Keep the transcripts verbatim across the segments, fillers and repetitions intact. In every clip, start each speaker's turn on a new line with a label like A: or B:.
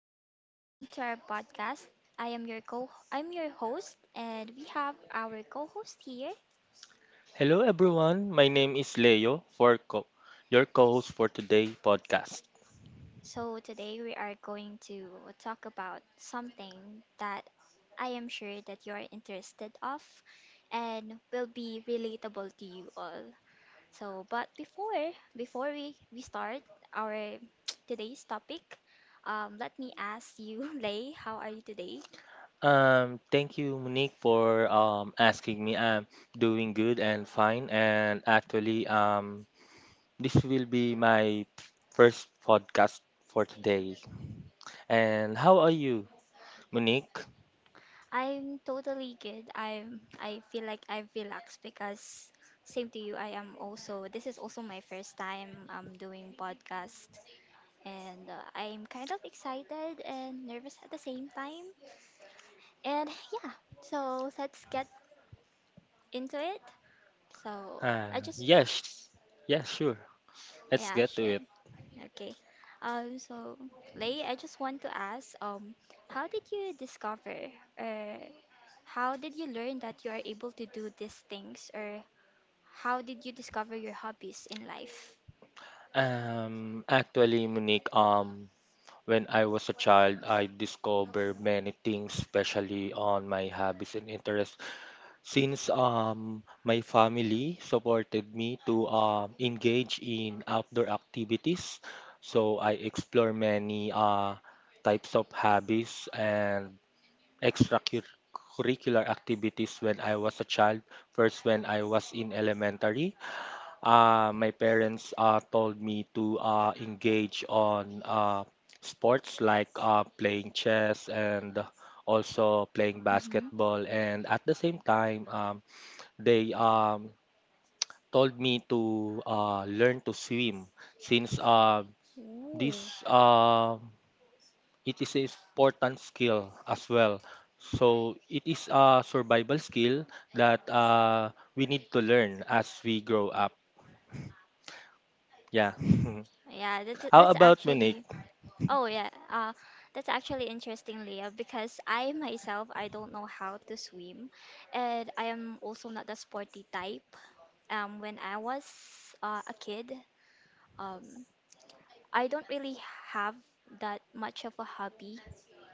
A: Monique. Welcome to our podcast. I am your co I'm your host, and we have our co-host here.
B: Hello, everyone. My name is Leo, for co- your co-host for today podcast.
A: So today we are going to talk about something that I am sure that you're interested of and will be relatable to you all. So but before before we we start our today's topic. Um let me ask you, Lei, how are you today?
B: Um, thank you, Monique, for um asking me. I'm doing good and fine, and actually, um, this will be my first podcast for today. And how are you, Monique?
A: I'm totally good. I'm I feel like I've relaxed because same to you. I am also This is also my first time um doing podcast, and uh, I'm kind of excited and nervous at the same time. And yeah, so let's get into it. So
B: Uh,
A: I just
B: yes, yes, sure. Let's
A: Yeah,
B: get to
A: sure.
B: it.
A: Okay. Um so Lei, I just want to ask um how did you discover Or how did you learn that you are able to do these things, or how did you discover your hobbies in life?
B: Um, actually, Monique, um, when I was a child, I discovered many things, especially on my hobbies and interests. Since um, my family supported me to um, engage in outdoor activities, so I explore many uh, types of hobbies and extracurricular activities when I was a child. First, when I was in elementary. Uh, my parents uh, told me to uh, engage on uh, sports like uh, playing chess and also playing
A: Mm-hmm.
B: basketball. And at the same time, um, they um, told me to uh, learn to swim since uh,
A: Ooh.
B: this uh, it is an important skill as well. So it is a survival skill that uh, we need to learn as we grow up. Yeah.
A: Yeah, that's
B: How
A: that's
B: about Monique?
A: actually Oh yeah, uh, that's actually interesting, Leah, because I myself, I don't know how to swim, and I am also not the sporty type. Um, when I was uh, a kid, um, I don't really have that much of a hobby,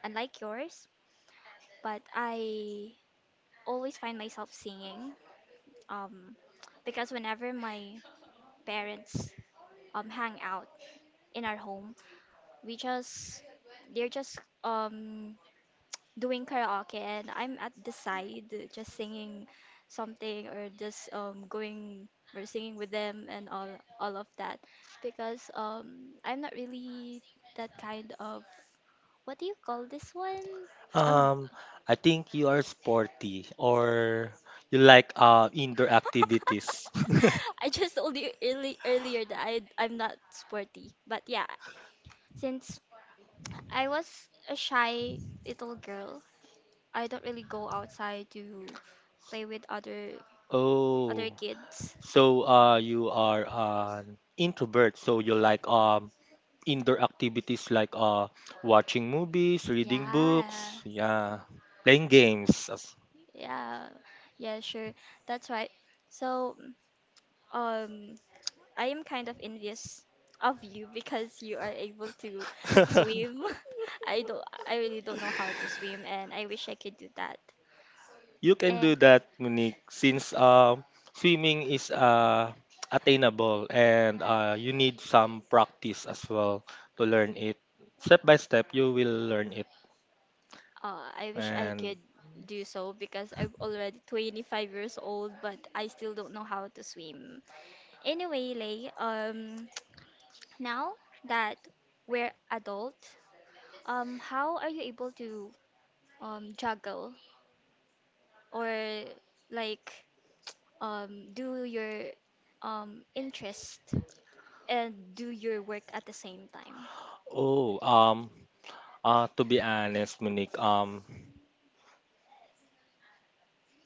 A: unlike yours. But I always find myself singing, um, because whenever my parents um hang out in our home, We just they're just um doing karaoke, and I'm at the side just singing something, or just um going or singing with them and all all of that, because um I'm not really that kind of, what do you call this one? Um
B: Um, I think you are sporty or you like uh indoor activities.
A: I just told you early earlier that I I'm not sporty. But yeah, since I was a shy little girl, I don't really go outside to play with other other
B: Oh,
A: kids.
B: so uh you are an introvert, so you like um indoor activities like uh watching movies, reading
A: Yeah.
B: books, yeah, playing games.
A: Yeah. Yeah, sure. That's right. So, um, I am kind of envious of you because you are able to
B: as-
A: swim. I don't I really don't know how to swim, and I wish I could do that.
B: You can do
A: Eh,
B: that, Monique, since um, swimming is uh, attainable, and uh, you need some practice as well to learn it. Step by step, you will learn it.
A: uh, I wish I
B: And
A: could do so, because I'm already twenty-five years old, but I still don't know how to swim. Anyway, Lei, um, now that we're adult, um, how are you able to um, juggle, or like, um, do your um, interest and do your work at the same time?
B: Oh, um, uh, to be honest, Monique, um,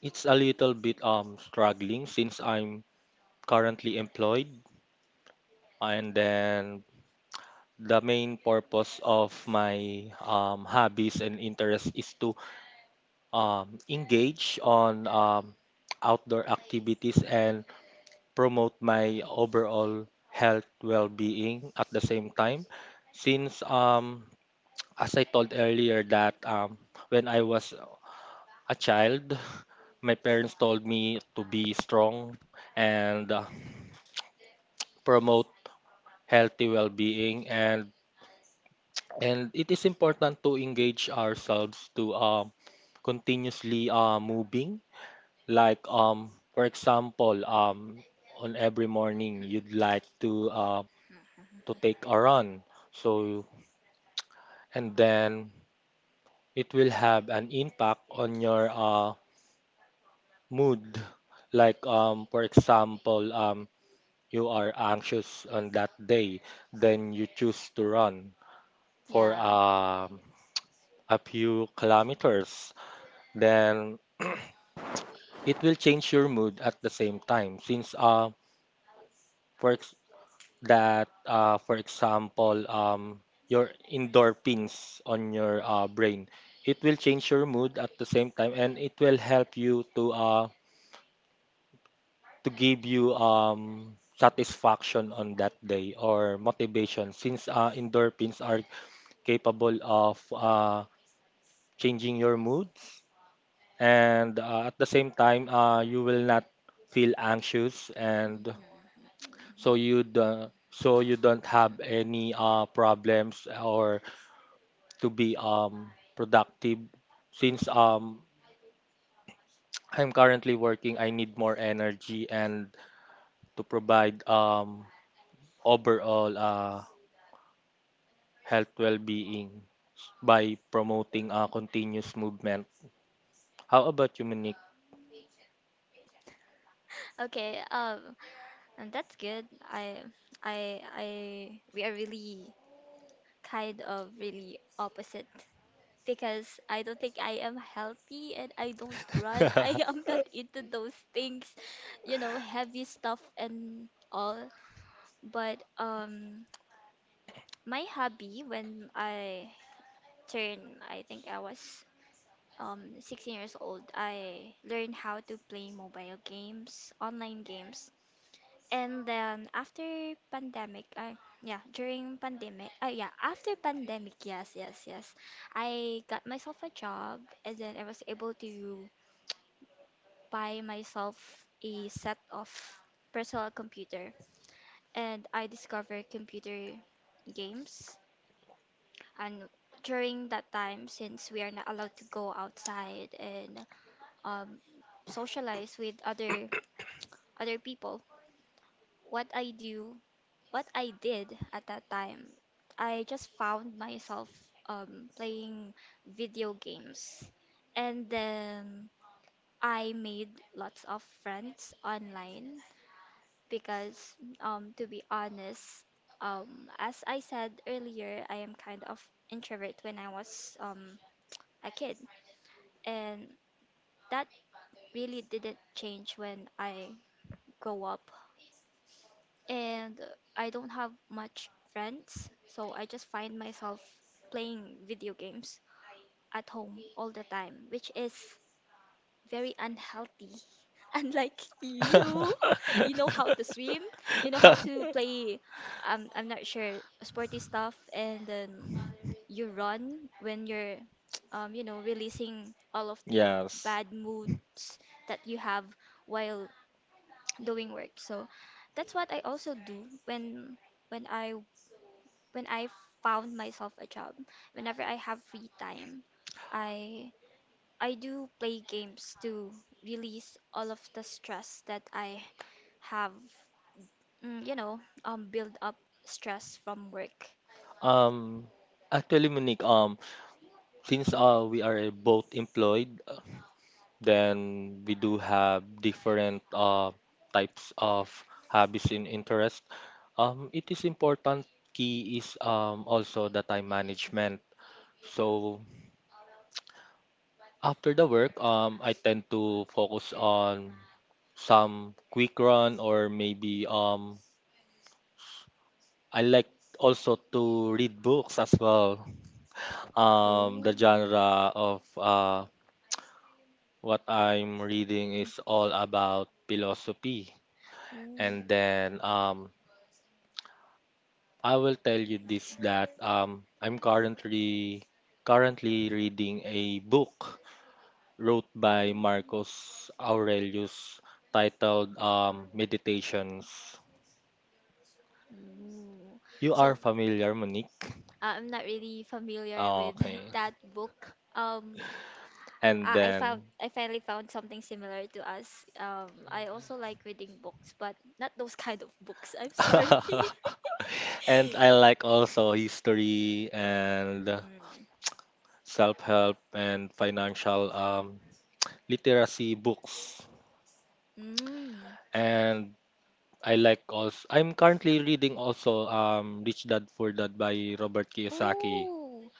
B: it's a little bit um struggling since I'm currently employed, and then the main purpose of my um, hobbies and interests is to um, engage on um, outdoor activities and promote my overall health well-being at the same time since um, as I told earlier that um, when I was a child my parents told me to be strong and uh, promote healthy well-being, and and it is important to engage ourselves to um, continuously uh, moving. Like um, for example, um, on every morning you'd like to uh, to take a run. So and then it will have an impact on your uh, mood. Like um, for example, um, you are anxious on that day, then you choose to run for
A: Yeah.
B: um a few kilometers. Then it will change your mood at the same time since uh for ex- that uh, for example um, your endorphins on your uh, brain, it will change your mood at the same time and it will help you to uh, to give you um, satisfaction on that day or motivation since uh, endorphins are capable of uh, changing your moods, and uh, at the same time uh, you will not feel anxious, and
A: Mm.
B: so you do, so you don't have any uh, problems, or to be um productive since um I'm currently working, I need more energy and to provide um overall uh health well-being by promoting uh, continuous movement. How about you, Monique?
A: Okay, um, and that's good. I, I, I, we are really kind of really opposite, because I don't think I am healthy, and I don't run. I am not into those things, you know, heavy stuff and all. But um my hobby when I turned, I think I was um sixteen years old, I learned how to play mobile games, online games. And then after pandemic, uh, yeah, during pandemic, uh, yeah, after pandemic, yes, yes, yes, I got myself a job, and then I was able to buy myself a set of personal computer, and I discovered computer games. And during that time, since we are not allowed to go outside and um, socialize with other other people, what I do what I did at that time, I just found myself um, playing video games. And then I made lots of friends online, because um, to be honest, um, as I said earlier, I am kind of introvert when I was um, a kid. And that really didn't change when I grow up, and I don't have much friends, so I just find myself playing video games at home all the time, which is very unhealthy. Unlike you, you know how to swim, you know how to play, um, I'm not sure, sporty stuff, and then you run when you're, um, you know, releasing all of the
B: Yes.
A: bad moods that you have while doing work. So that's what I also do when when I when I found myself a job. Whenever I have free time, I I do play games to release all of the stress that I have, mm, you know, um build up stress from work.
B: Um, Actually, Monique, um, since uh, we are eh, both employed, uh, then we do have different uh, types of hobbies and interests. Um, it is important key is um, also the time management. So after the work, um, I tend to focus on some quick run or maybe um, I like also to read books as well. Um, the
A: Ooh.
B: genre of uh, what I'm reading is all about philosophy.
A: Ooh.
B: And then um, I will tell you this that um, I'm currently currently reading a book wrote by Marcus Aurelius titled um, Meditations.
A: Ooh.
B: You are
A: So,
B: familiar, Monique?
A: uh, I'm not really familiar
B: Oh,
A: with
B: okay.
A: that book. Um,
B: And
A: Uh, I
B: then,
A: found I finally found something similar to us. Um, I also like reading books, but not those kind of books. I'm sorry.
B: and I like also history and
A: Mm.
B: self help and financial um, literacy books.
A: Mm.
B: And I like also, I'm currently reading also um, Rich Dad Poor Dad by Robert Kiyosaki.
A: Ooh,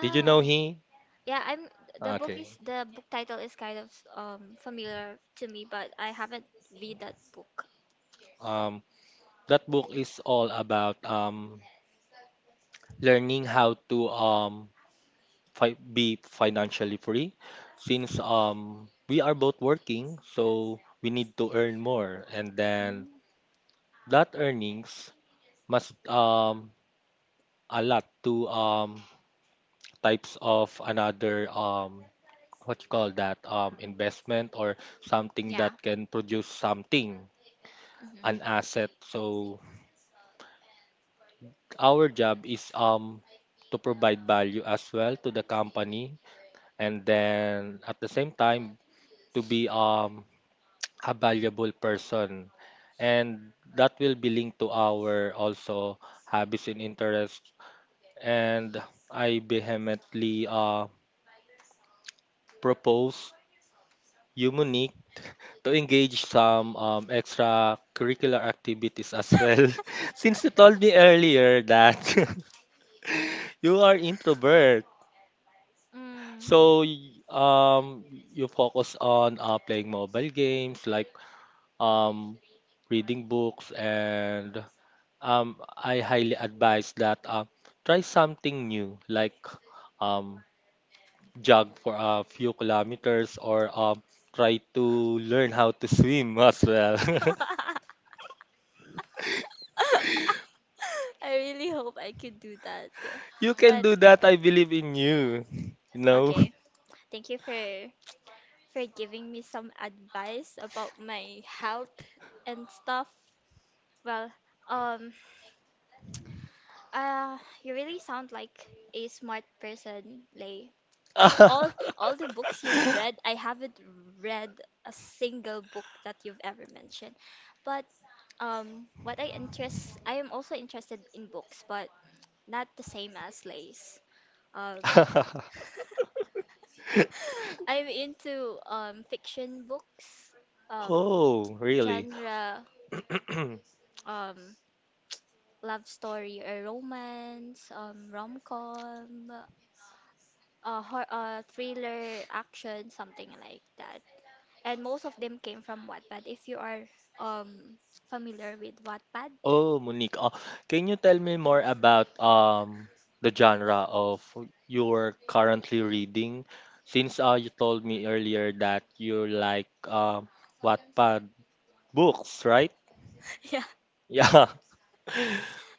B: Did you know he?
A: Yeah, I'm the book
B: Okay.
A: is the book title is kind of um familiar to me, but I haven't read that book.
B: Um, That book is all about um, learning how to um, fi- be financially free since um, we are both working, so we need to earn more. And then
A: Mm.
B: that earnings must um, a lot to um, types of another um, what you call that um, investment or something
A: Yeah.
B: that can produce something,
A: Hmm.
B: an asset. So our job is um, to provide value as well to the company and then at the same time to be um a valuable person, and that will be linked to our also habits and interests, and I vehemently uh, propose unique to engage some um, extracurricular activities as well. Since you told me earlier that you are introvert,
A: Mm.
B: so y- um you focus on uh, playing mobile games, like um, reading books, and um, I highly advise that uh, try something new, like um, jog for a few kilometers, or um, try to learn how to swim as well.
A: I really hope I could do that.
B: You can
A: But
B: do that. I believe in you. You know?
A: okay. Thank you for for giving me some advice about my health and stuff. Well, um, uh, you really sound like a smart person, Lay. Like all all the books you've read, I haven't read a single book that you've ever mentioned. But um, what I interest, I am also interested in books, but not the same as Lay's. Um, I'm into um fiction books, um
B: Oh, really?
A: genre, um love story or romance, um rom-com, uh, hor uh thriller, action, something like that. And most of them came from Wattpad. If you are um familiar with Wattpad,
B: Oh, Monique. Uh, can you tell me more about um the genre of you're currently reading? Since uh you told me earlier that you like um Wattpad books, right?
A: yeah.
B: Yeah.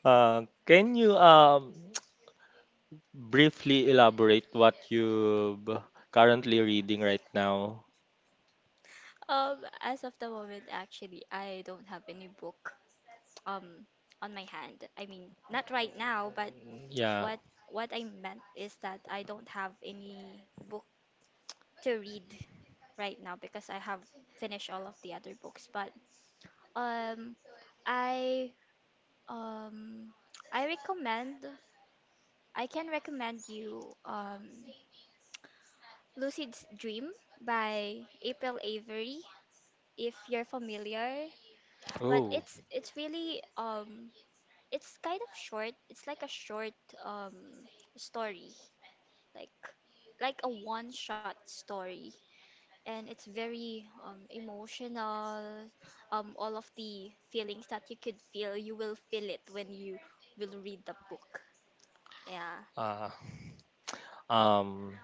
B: Uh, can you um briefly elaborate what you're currently reading right now?
A: Um, as of the moment, actually, I don't have any book um on my hand. I mean, not right now, but
B: Yeah.
A: what what I meant is that I don't have any book to read right now, because I have finished all of the other books. But um, I um I recommend I can recommend you um Lucid's Dream by April Avery, if you're familiar. But
B: Oh.
A: it's it's really um, it's kind of short. It's like a short um story. Like like a one-shot story. And it's very um, emotional. Um, all of the feelings that you could feel, you will feel it when you will read the book. Yeah.
B: Uh, um.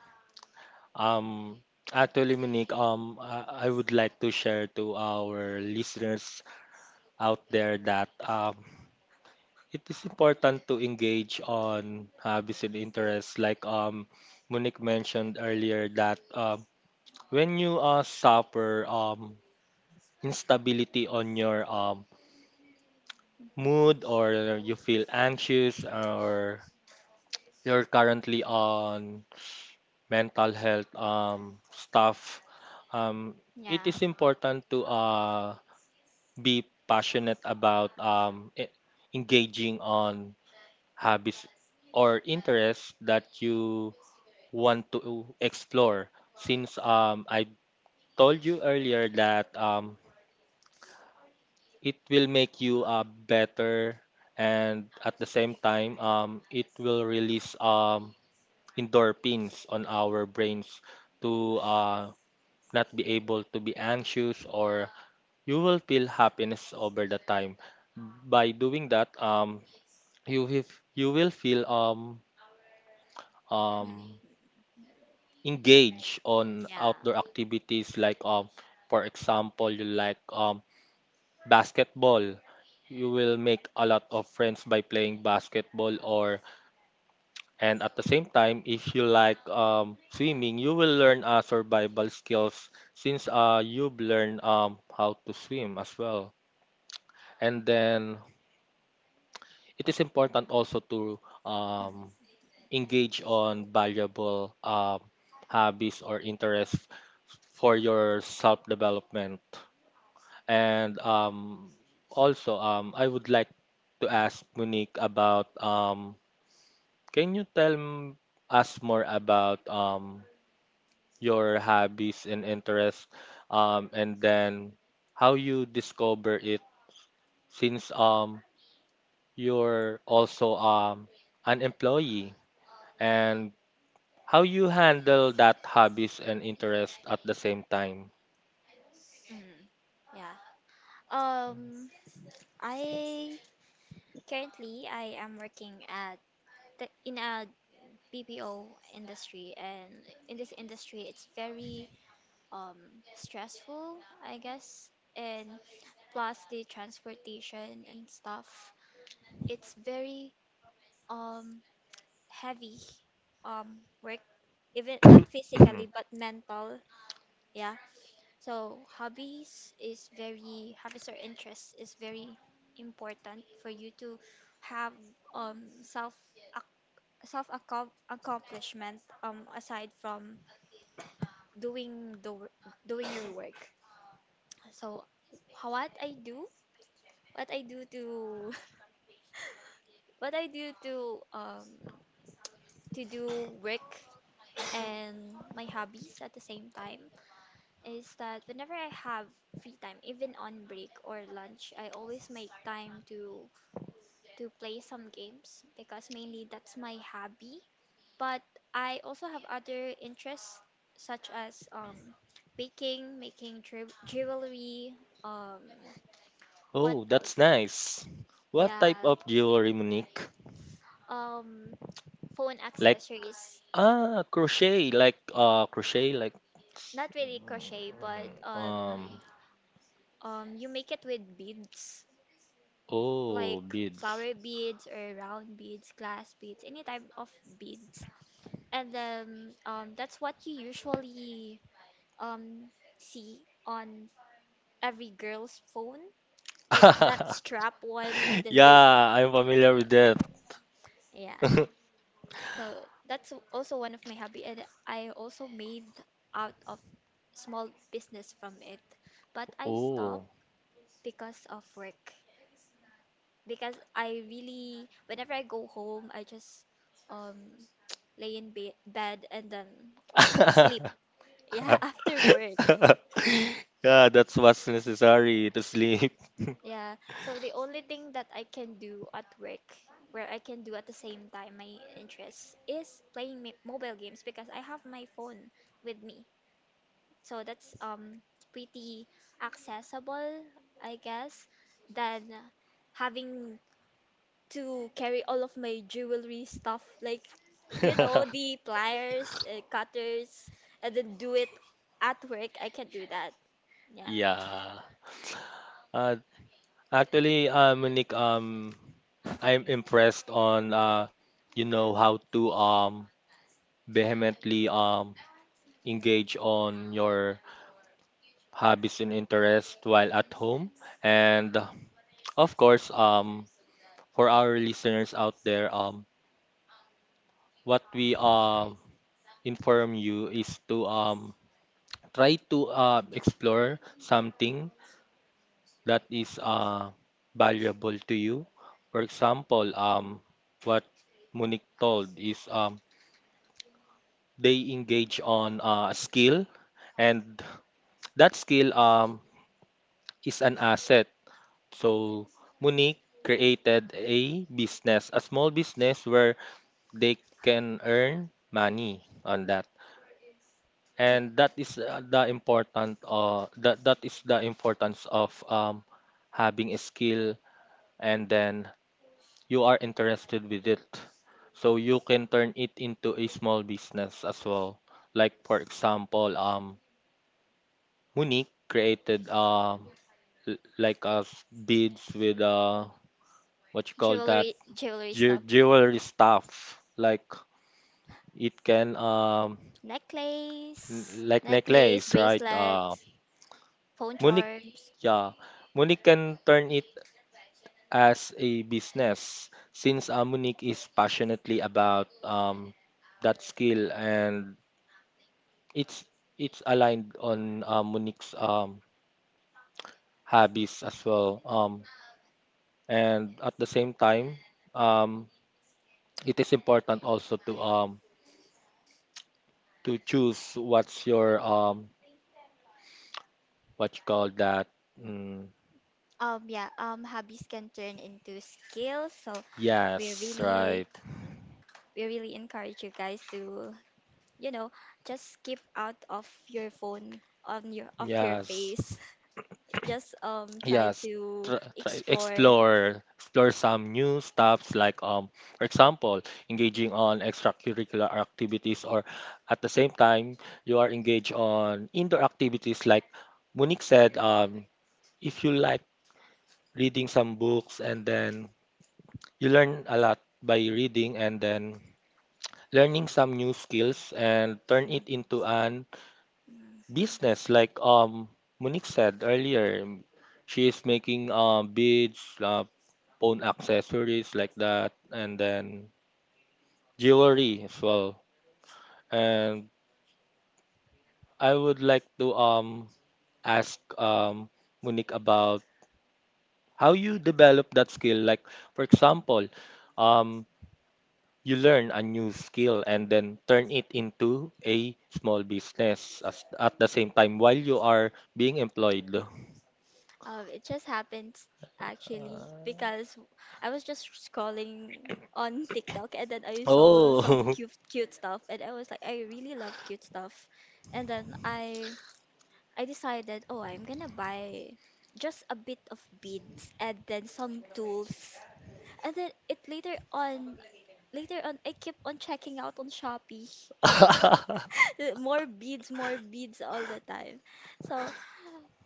B: Um, Actually, Monique, um, I, I would like to share to our listeners out there that um, it is important to engage on hobbies and interests. Like um, Monique mentioned earlier that um, when you uh, suffer um, instability on your um,
A: Mhm.
B: mood, or you feel anxious, or you're currently on mental health um, stuff, um, it is
A: Yeah.
B: important to uh, be passionate about um, e- engaging on hobbies or interests that you want to explore. Since um, I told you earlier that um, it will make you uh, better, and at the same time, um, it will release um, endorphins on our brains to uh, not be able to be anxious, or you will feel happiness over the time. By doing that, um, you will you will feel um um
A: Mm.
B: engaged on
A: Yeah.
B: outdoor activities, like um for example, you like um basketball, you will make a lot of friends by playing basketball, or and at the same time, if you like um swimming, you will learn uh, survival skills since uh you've learned um how to swim as well. And then it is important also to um engage on valuable um, hobbies or interests for your self development. And um, also, um, I would like to ask Monique about um, can you tell m- us more about um, your hobbies and interests, um, and then how you discover it, since um, you're also um, an employee, and how you handle that hobbies and interest at the same time?
A: Mm. Yeah. Um, I currently I am working at the, in a B P O industry, and in this industry, it's very um, stressful, I guess. And plus the transportation and stuff. It's very um heavy um work, even not physically but mental. Yeah. So hobbies is very hobbies or interests is very important for you to have um self self accom accomplishment um aside from doing the wor- doing your work. So how- what I do what I do to what I do to um to do work and my hobbies at the same time is that whenever I have free time, even on break or lunch, I always make time to to play some games, because mainly that's my hobby. But I also have other interests, such as um baking, making jew- jewelry, um, what
B: Oh, that's
A: else?
B: nice. What
A: Yeah,
B: type of jewelry, Monique?
A: um, phone
B: Like
A: accessories.
B: ah, crochet, like uh, crochet, like
A: Not really crochet, but um,
B: um,
A: um, you make it with beads,
B: oh,
A: like
B: beads.
A: flower beads or round beads, glass beads, any type of beads. And then um, that's what you usually um see on every girl's phone, like that strap one, and then you're
B: Yeah, I'm familiar with that.
A: yeah. So that's also one of my hobby, and I also made out of small business from it, but I
B: Oh.
A: stopped because of work. Because I really, whenever I go home, I just um lay in be bed, and then um sleep. Yeah, after work.
B: Yeah, that's what's necessary to sleep.
A: Yeah. So the only thing that I can do at work, where I can do at the same time my interests, is playing mi- mobile games, because I have my phone with me. So that's um pretty accessible, I guess, than having to carry all of my jewelry stuff, like, you know, the pliers, uh, cutters, and then do it at work. I can't do that. Yeah.
B: Yeah. Uh, Actually, uh, Monique, um, I'm impressed on uh, you know how to um vehemently um engage on your hobbies and interests while at home, and uh, of course, um, for our listeners out there, um, what we um inform you is to um try to uh, explore something that is uh, valuable to you. For example, um, what Monique told is um, they engage on uh, a skill, and that skill um, is an asset. So Monique created a business, a small business where they can earn money on that.
A: Yeah.
B: And that is uh, the important uh, that that is the importance of um, having a skill, and then you are interested with it. So you can turn it into a small business as well. Like for example, um, Monique created um l- like uh, s- beads with uh what you call that,
A: Jewelry, jewelry
B: jew-
A: stuff.
B: jewelry stuff. Like it can um n-
A: Necklace,
B: like
A: Necklace,
B: necklace, right? Uh,
A: bracelets, phone
B: Monique,
A: charms.
B: yeah, Monique can turn it as a business since uh, Monique is passionately about um, that skill, and it's it's aligned on uh, Monique's um, hobbies as well, um, and at the same time um, it is important also to um, to choose what's your um, what you call that, mm,
A: Um, yeah, um, hobbies can turn into skills, so we
B: yes,
A: really,
B: right.
A: we really encourage you guys to, you know, just keep out of your phone on your of your
B: Yes,
A: face. Just um try
B: Yes,
A: to
B: try, try
A: explore.
B: explore explore some new stuffs, like um for example, engaging on extracurricular activities, or at the same time you are engaged on indoor activities like Monique said, um if you like reading some books, and then you learn a lot by reading, and then learning some new skills and turn it
A: Mm,
B: into an
A: mm.
B: business, like um Monique said earlier, she is making uh, beads, uh, own accessories like that, and then jewelry as well. And I would like to um ask um Monique about how you develop that skill. Like for example, um you learn a new skill and then turn it into a small business as, at the same time while you are being employed.
A: Um, it just happened actually, because I was just scrolling on TikTok, and then I saw some
B: Oh,
A: cute cute stuff, and I was like, I really love cute stuff, and then I I decided, oh, I'm gonna buy just a bit of beads and then some tools. And then it later on, later on, I keep on checking out on Shopee. More beads, more beads all the time. So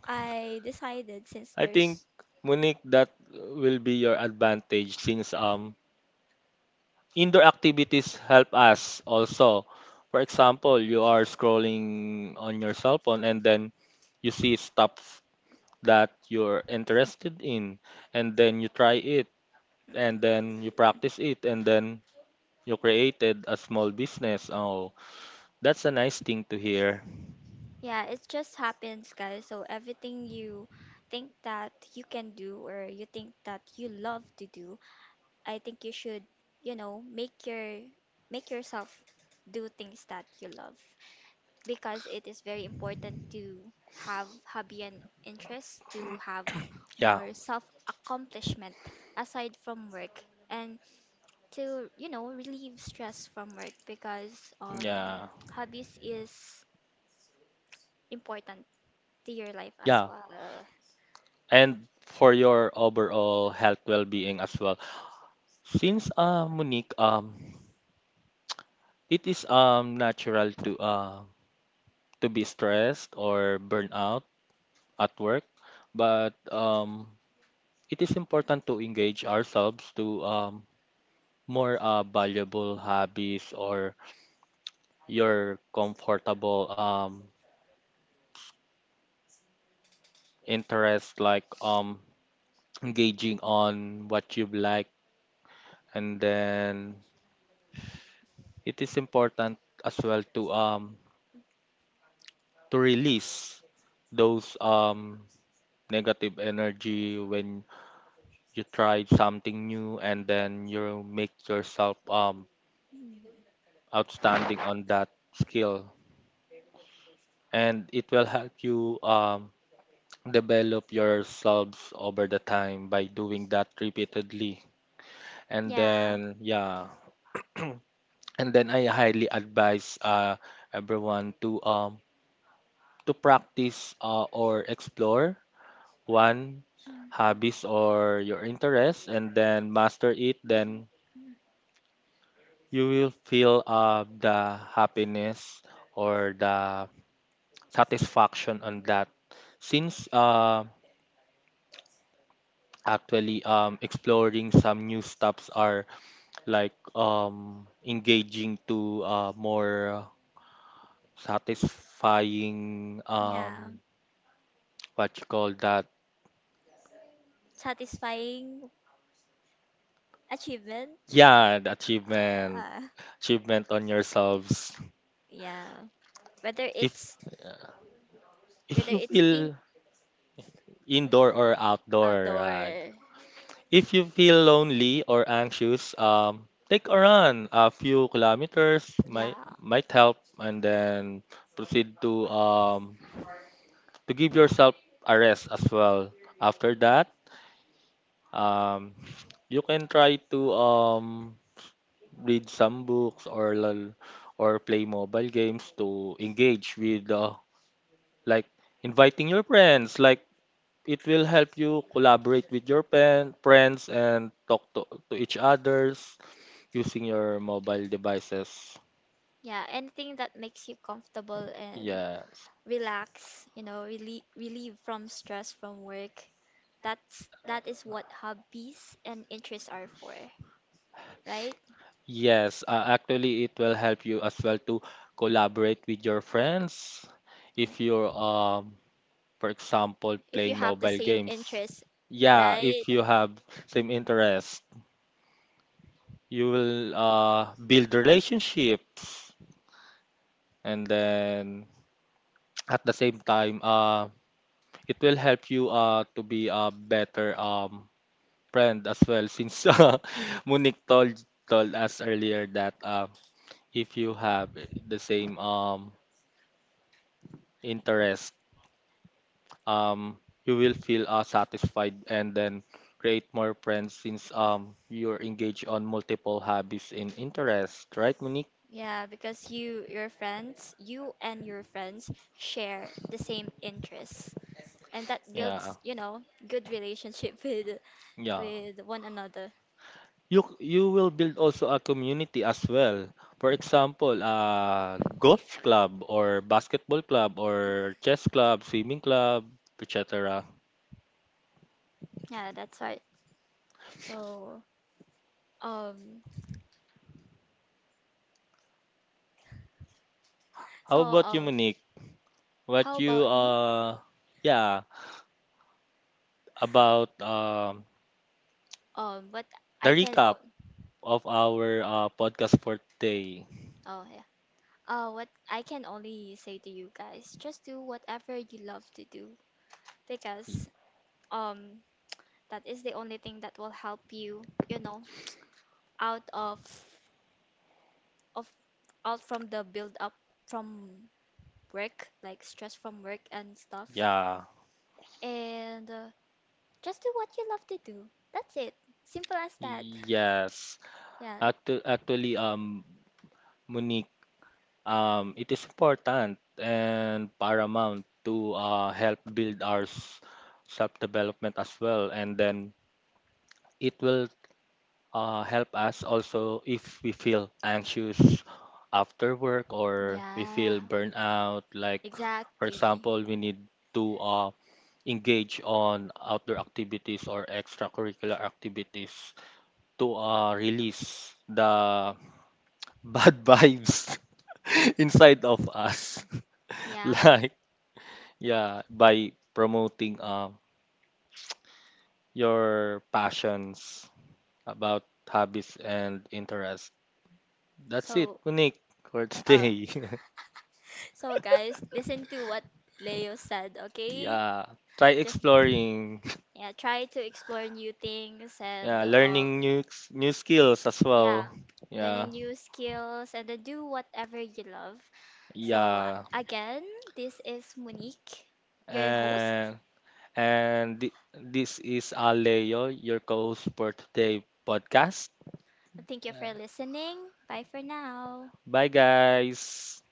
A: I decided since
B: I think
A: there's,
B: Monique, that will be your advantage since um indoor activities help us also. For example, you are scrolling on your cell phone and then you see stuff that you're interested in, and then you try it, and then you practice it, and then you created a small business. Oh, that's a nice thing to hear.
A: yeah, it just happens, guys. So everything you think that you can do, or you think that you love to do, I think you should, you know, make your make yourself do things that you love. Because it is very important to have hobby and interest, to have
B: Yeah,
A: more self accomplishment aside from work, and to, you know, relieve stress from work, because um
B: yeah,
A: hobbies is important to your life as
B: yeah.
A: well.
B: And for your overall health well-being as well. Since uh, Monique, um, it is um natural to uh to be stressed or burn out at work, but um, it is important to engage ourselves to um, more uh, valuable hobbies or your comfortable um, interest, like um, engaging on what you like, and then it is important as well to um, to release those um negative energy when you try something new and then you make yourself um outstanding on that skill, and it will help you um, develop yourselves over the time by doing that repeatedly and
A: Yeah.
B: then yeah. And then I highly advise uh, everyone to um, to practice uh, or explore one hobbies or your interests and then master it, then
A: Mm.
B: you will feel uh, the happiness or the satisfaction on that. Since uh, actually um, exploring some new stuffs are like um, engaging to uh, more satisfying
A: Yeah.
B: um, what you call that,
A: Satisfying achievement,
B: yeah, the achievement.
A: uh,
B: Achievement on yourselves.
A: yeah. whether
B: if
A: it's
B: if
A: Whether
B: you
A: it's in
B: feel indoor or outdoor
A: outdoor,
B: uh, if you feel lonely or anxious, um, take a run. A few kilometers might
A: yeah.
B: might help, and then proceed to um, to give yourself a rest as well. After that, um, you can try to um, read some books or lol- or play mobile games to engage with uh, like inviting your friends. Like it will help you collaborate with your pen, friends and talk to, to each others using your mobile devices.
A: Yeah, anything that makes you comfortable and
B: Yes.
A: relax, you know, relieve relieve from stress from work. That's that is what hobbies and interests are for, right?
B: Yes, uh, actually it will help you as well to collaborate with your friends
A: Eh,
B: if you're um for example
A: if you
B: playing
A: have the
B: mobile
A: same
B: games.
A: interest,
B: Yeah,
A: right?
B: if you have same interest, you will uh build relationships, and then at the same time uh it will help you uh to be a better um friend as well. Since uh, Monique told told us earlier that uh, if you have the same um interest, um you will feel uh, satisfied, and then create more friends since um you're engaged on multiple hobbies and interests, right, Monique?
A: Yeah, because you your friends, you and your friends share the same interests, and that
B: Yeah,
A: builds, you know, good relationship with
B: yeah.
A: with one another.
B: You you will build also a community as well. For example, uh golf club or basketball club or chess club, swimming club, et cetera.
A: Yeah, that's right. So. Um, so
B: How about you,
A: uh,
B: Monique? What
A: how
B: you
A: about me?
B: uh yeah, about um
A: Um, what
B: the
A: I can
B: recap
A: o
B: of our uh, podcast for today.
A: Oh yeah. Uh, what I can only say to you guys, just do whatever you love to do, because um that is the only thing that will help you, you know, out of of out from the build up from work, like stress from work and stuff.
B: Yeah.
A: And uh, just do what you love to do. That's it. Simple as that.
B: Yes.
A: Yeah.
B: Actu- actually, um, Monique, um, it is important and paramount to uh, help build our s- self-development as well. And then it will uh, help us also if we feel anxious after work or we
A: Yeah,
B: feel burnout. Like, for
A: exactly.
B: example, we need to uh, engage on outdoor activities or extracurricular activities to uh, release the bad vibes inside of us.
A: Yeah.
B: Like, yeah, by promoting uh, your passions about hobbies and interests. That's it,
A: So,
B: Unique, for
A: uh,
B: today.
A: so guys, listen to what Leo said, okay?
B: Yeah, try
A: Just
B: exploring.
A: yeah, try to explore new things, and
B: Yeah,
A: um
B: learning new s- new skills as
A: yeah,
B: well.
A: learning
B: Yeah,
A: new skills, and then do whatever you love. So,
B: yeah.
A: a- again, this is Monique, your host.
B: And and thi- this is Aleo, your co-host for today podcast.
A: Thank you
B: Uh,
A: for listening. Bye for now.
B: Bye guys.